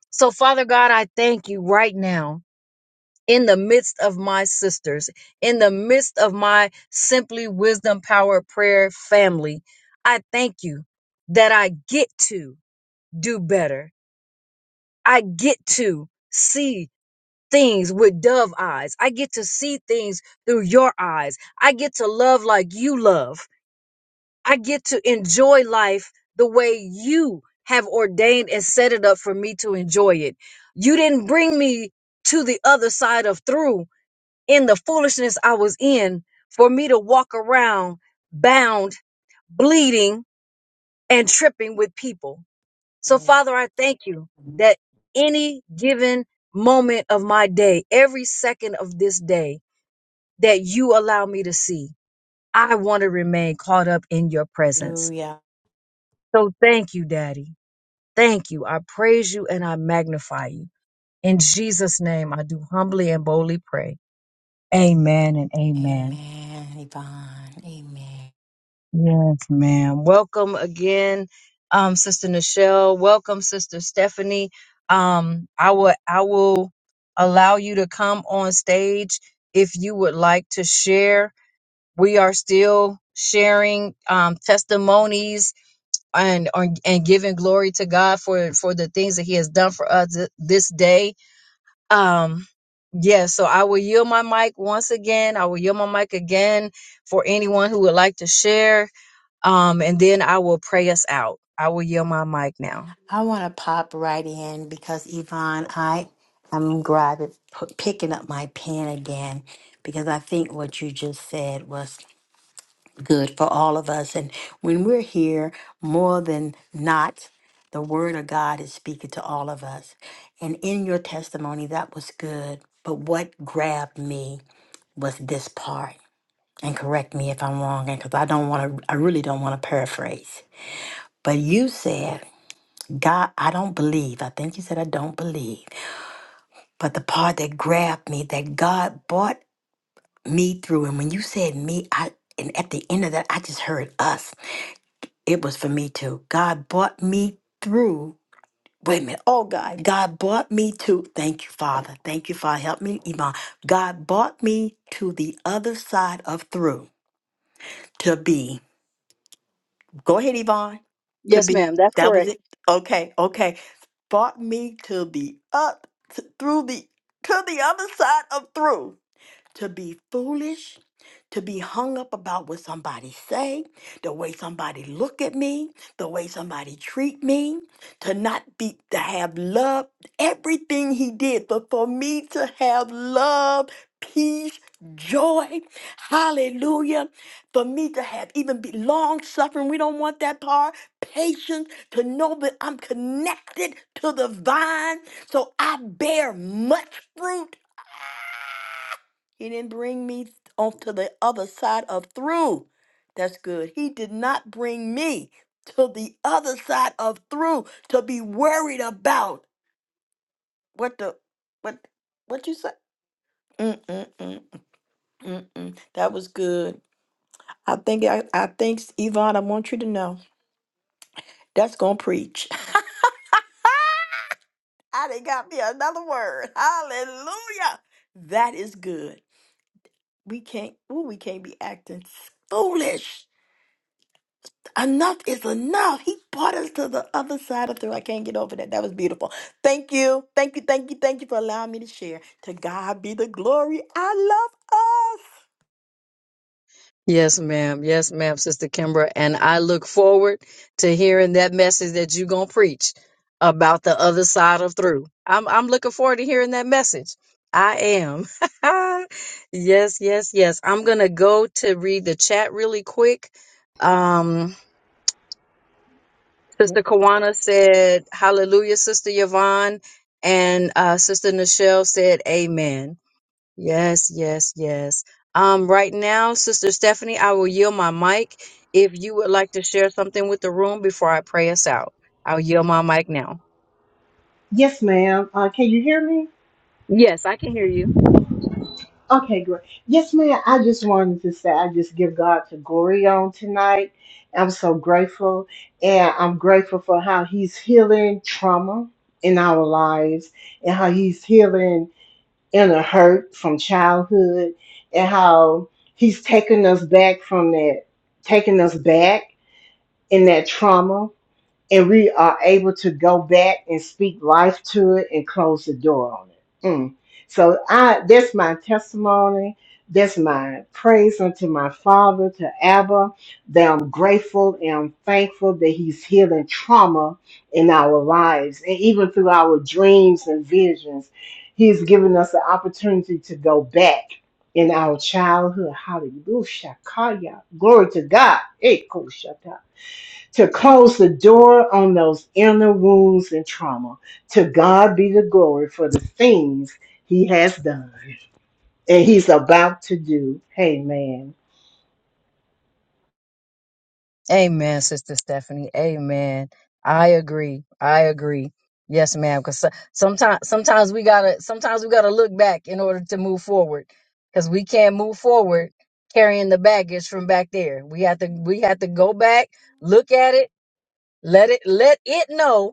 S1: so, Father God, I thank you right now in the midst of my sisters, in the midst of my Simply Wisdom Power Prayer family. I thank you that I get to do better. I get to see things with dove eyes. I get to see things through your eyes. I get to love like you love. I get to enjoy life the way you have ordained and set it up for me to enjoy it. You didn't bring me to the other side of through in the foolishness I was in for me to walk around bound, bleeding, and tripping with people. So,
S2: *laughs*
S1: Father, I thank you that any given moment of my day, every second of this day that you allow me to see, I want to remain caught up in your presence.
S2: Hallelujah.
S1: So, thank you, Daddy. Thank you. I praise you and I magnify you. In Jesus' name, I do humbly and boldly pray. Amen and amen.
S2: Amen, Yvonne. Amen.
S1: Yes, ma'am. Welcome again, um, Sister Nichelle. Welcome, Sister Stephanie. Um, I will, I will allow you to come on stage if you would like to share. We are still sharing um, testimonies and and giving glory to God for for the things that He has done for us this day Um, yeah, so I will yield my mic once again. I will yield my mic again for anyone who would like to share. Um, and then I will pray us out. I will yield my mic now.
S2: I want to pop right in because Yvonne, I am grabbing, p- picking up my pen again because I think what you just said was good for all of us. And when we're here, more than not, the word of God is speaking to all of us. And in your testimony, that was good. But what grabbed me was this part. And correct me if I'm wrong, because I don't want to, I really don't want to paraphrase. But you said, God, I don't believe. I think you said, I don't believe. But the part that grabbed me, that God brought me through. And when you said me, I, and at the end of that, I just heard us. It was for me too. God brought me through. Wait a minute. Oh, God. God brought me to. Thank you, Father. Thank you, Father. Help me, Iman. God brought me to the other side of through to be. Go ahead, Yvonne. To
S1: Yes,
S2: be.
S1: ma'am. That's
S2: That
S1: correct.
S2: was it. Okay. Okay. Brought me to the up, to, through the, to the other side of through to be foolish, to be hung up about what somebody say, the way somebody look at me, the way somebody treat me, to not be to have love, everything he did, but for me to have love, peace, joy, hallelujah, for me to have even be long suffering, we don't want that part, patience, to know that I'm connected to the vine, so I bear much fruit he didn't bring me off to the other side of through. That's good. He did not bring me to the other side of through to be worried about what the what what you say. Mm mm mm mm mm. That was good. I think I, I think Yvonne, I want you to know that's gonna preach. *laughs* I didn't got me another word. Hallelujah. That is good. We can't. Ooh, we can't be acting foolish Enough is enough. He brought us to the other side of through. I can't get over that. That was beautiful. Thank you. Thank you. Thank you. Thank you for allowing me to share. To God be the glory. I
S1: Yes, ma'am. Yes, ma'am, Sister Kimbra. And I look forward to hearing that message that you're gonna preach about the other side of through. I'm I'm looking forward to hearing that message. I am. *laughs* yes, yes, yes. I'm gonna go to read the chat really quick. Um, Sister Kawana said, Hallelujah, Sister Yvonne, and uh, Sister Nichelle said, Amen. Yes, yes, yes. Um, right now, Sister Stephanie, I will yield my mic if you would like to share something with the room before I pray us out. I'll yield my mic now.
S5: Yes, ma'am. Uh, can you hear me?
S1: Yes, I can hear you.
S5: Okay, great. Yes, ma'am. I just wanted to say I just give God to glory on tonight. I'm so grateful, and I'm grateful for how He's healing trauma in our lives, and how He's healing inner hurt from childhood, and how He's taking us back from that, taking us back in that trauma and we are able to go back and speak life to it and close the door on it. Mm. So I that's my testimony. That's my praise unto my father, to Abba, that I'm grateful and I'm thankful that he's healing trauma in our lives and even through our dreams and visions. He's given us the opportunity to go back in our childhood. Hallelujah. Glory to God. Hey, to close the door on those inner wounds and trauma. To God be the glory for the things He has done and He's about to do. Amen.
S1: Amen, Sister Stephanie. Amen. I agree. I agree. Yes, ma'am. Because sometimes, sometimes we gotta, sometimes we gotta look back in order to move forward. Because we can't move forward carrying the baggage from back there. We have to, we have to go back, look at it, let it, let it know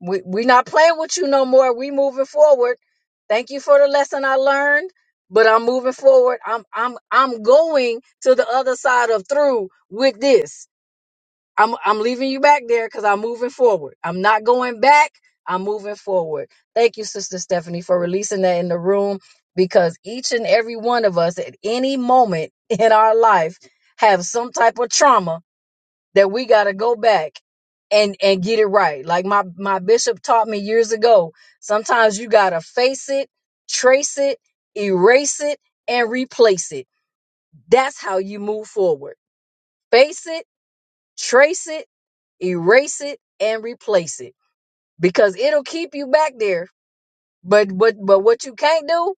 S1: we we not playing with you no more. We moving forward. Thank you for the lesson I learned, but I'm moving forward. I'm I'm I'm going to the other side of through with this. I'm I'm leaving you back there because I'm moving forward. I'm not going back. I'm moving forward. Thank you, Sister Stephanie, for releasing that in the room because each and every one of us at any moment *laughs* in our life have some type of trauma that we got to go back and and get it right. Like my my bishop taught me years ago, sometimes you got to face it, trace it, erase it and replace it. That's how you move forward. Face it, trace it, erase it and replace it because it'll keep you back there. But but but what you can't do,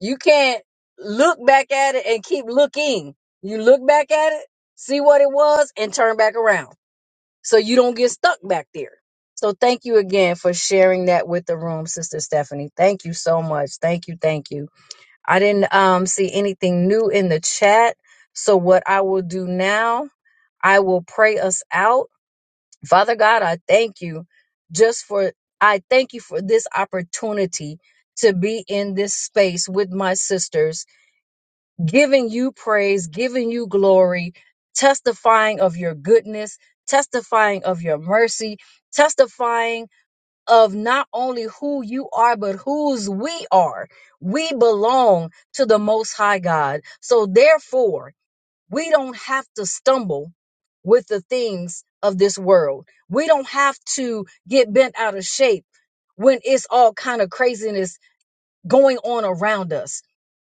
S1: you can't look back at it and keep looking. You look back at it, see what it was and turn back around so you don't get stuck back there. So thank you again for sharing that with the room, Sister Stephanie. Thank you so much. Thank you, thank you. I didn't um see anything new in the chat. So what I will do now, I will pray us out. Father God, I thank you just for I thank you for this opportunity to be in this space with my sisters giving you praise, giving you glory, testifying of your goodness, testifying of your mercy, testifying of not only who you are, but whose we are. We belong to the Most High God. So therefore, we don't have to stumble with the things of this world. We don't have to get bent out of shape when it's all kind of craziness going on around us.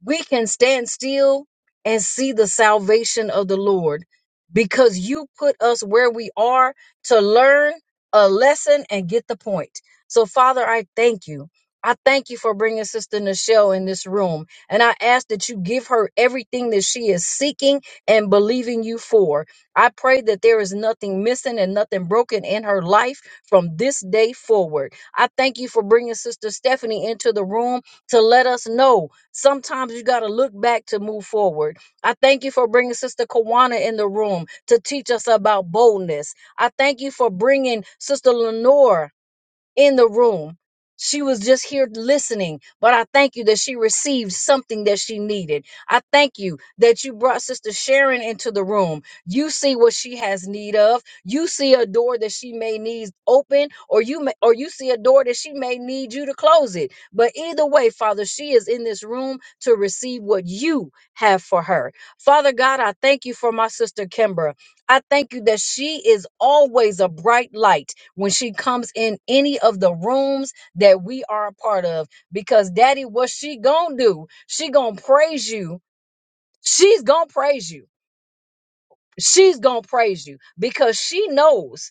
S1: We can stand still and see the salvation of the Lord because you put us where we are to learn a lesson and get the point. So, Father, I thank you. I thank you for bringing Sister Nichelle in this room. And I ask that you give her everything that she is seeking and believing you for. I pray that there is nothing missing and nothing broken in her life from this day forward. I thank you for bringing Sister Stephanie into the room to let us know. Sometimes you got to look back to move forward. I thank you for bringing Sister Kawana in the room to teach us about boldness. I thank you for bringing Sister Lenore in the room. She was just here listening, but I thank you that she received something that she needed. I thank you that you brought Sister Sharon into the room. You see what she has need of. You see a door that she may need open, or you may, or you see a door that she may need you to close it. But either way, Father, she is in this room to receive what you have for her. Father God, I thank you for my sister Kimbra. I thank you that she is always a bright light when she comes in any of the rooms that we are a part of. Because daddy, what she gonna do? She gonna praise you. She's gonna praise you. She's gonna praise you because she knows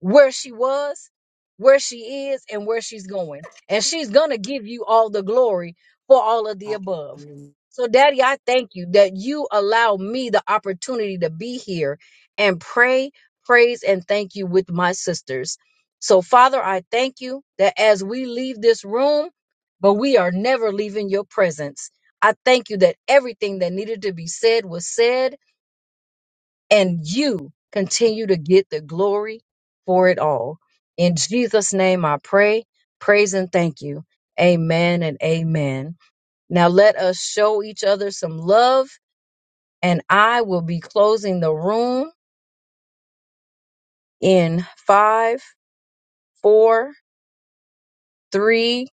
S1: where she was, where she is, and where she's going. And she's going to give you all the glory for all of the above.
S2: love us.
S1: So, Daddy, I thank you that you allow me the opportunity to be here and pray, praise, and thank you with my sisters. So, Father, I thank you that as we leave this room, but we are never leaving your presence. I thank you that everything that needed to be said was said and you continue to get the glory for it all. In Jesus' name I pray, praise, and thank you. Amen and amen. Now let us show each other some love, and I will be closing the room in five, four, three.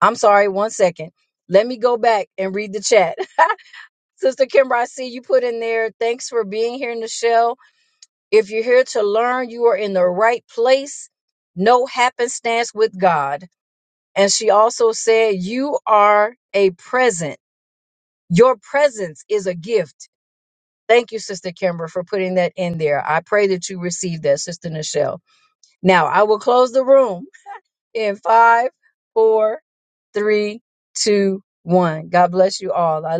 S1: I'm sorry, one second. Let me go back and read the chat. *laughs* Sister Kimber, I see you put in there. Thanks for being here, Nichelle. If you're here to learn, you are in the right place. No happenstance with God. And she also said, You are a present. Your presence is a gift. Thank you, Sister Kimber, for putting that in there. I pray that you receive that, Sister Nichelle. Now, I will close the room in five, four, three, two, one. God bless you all. I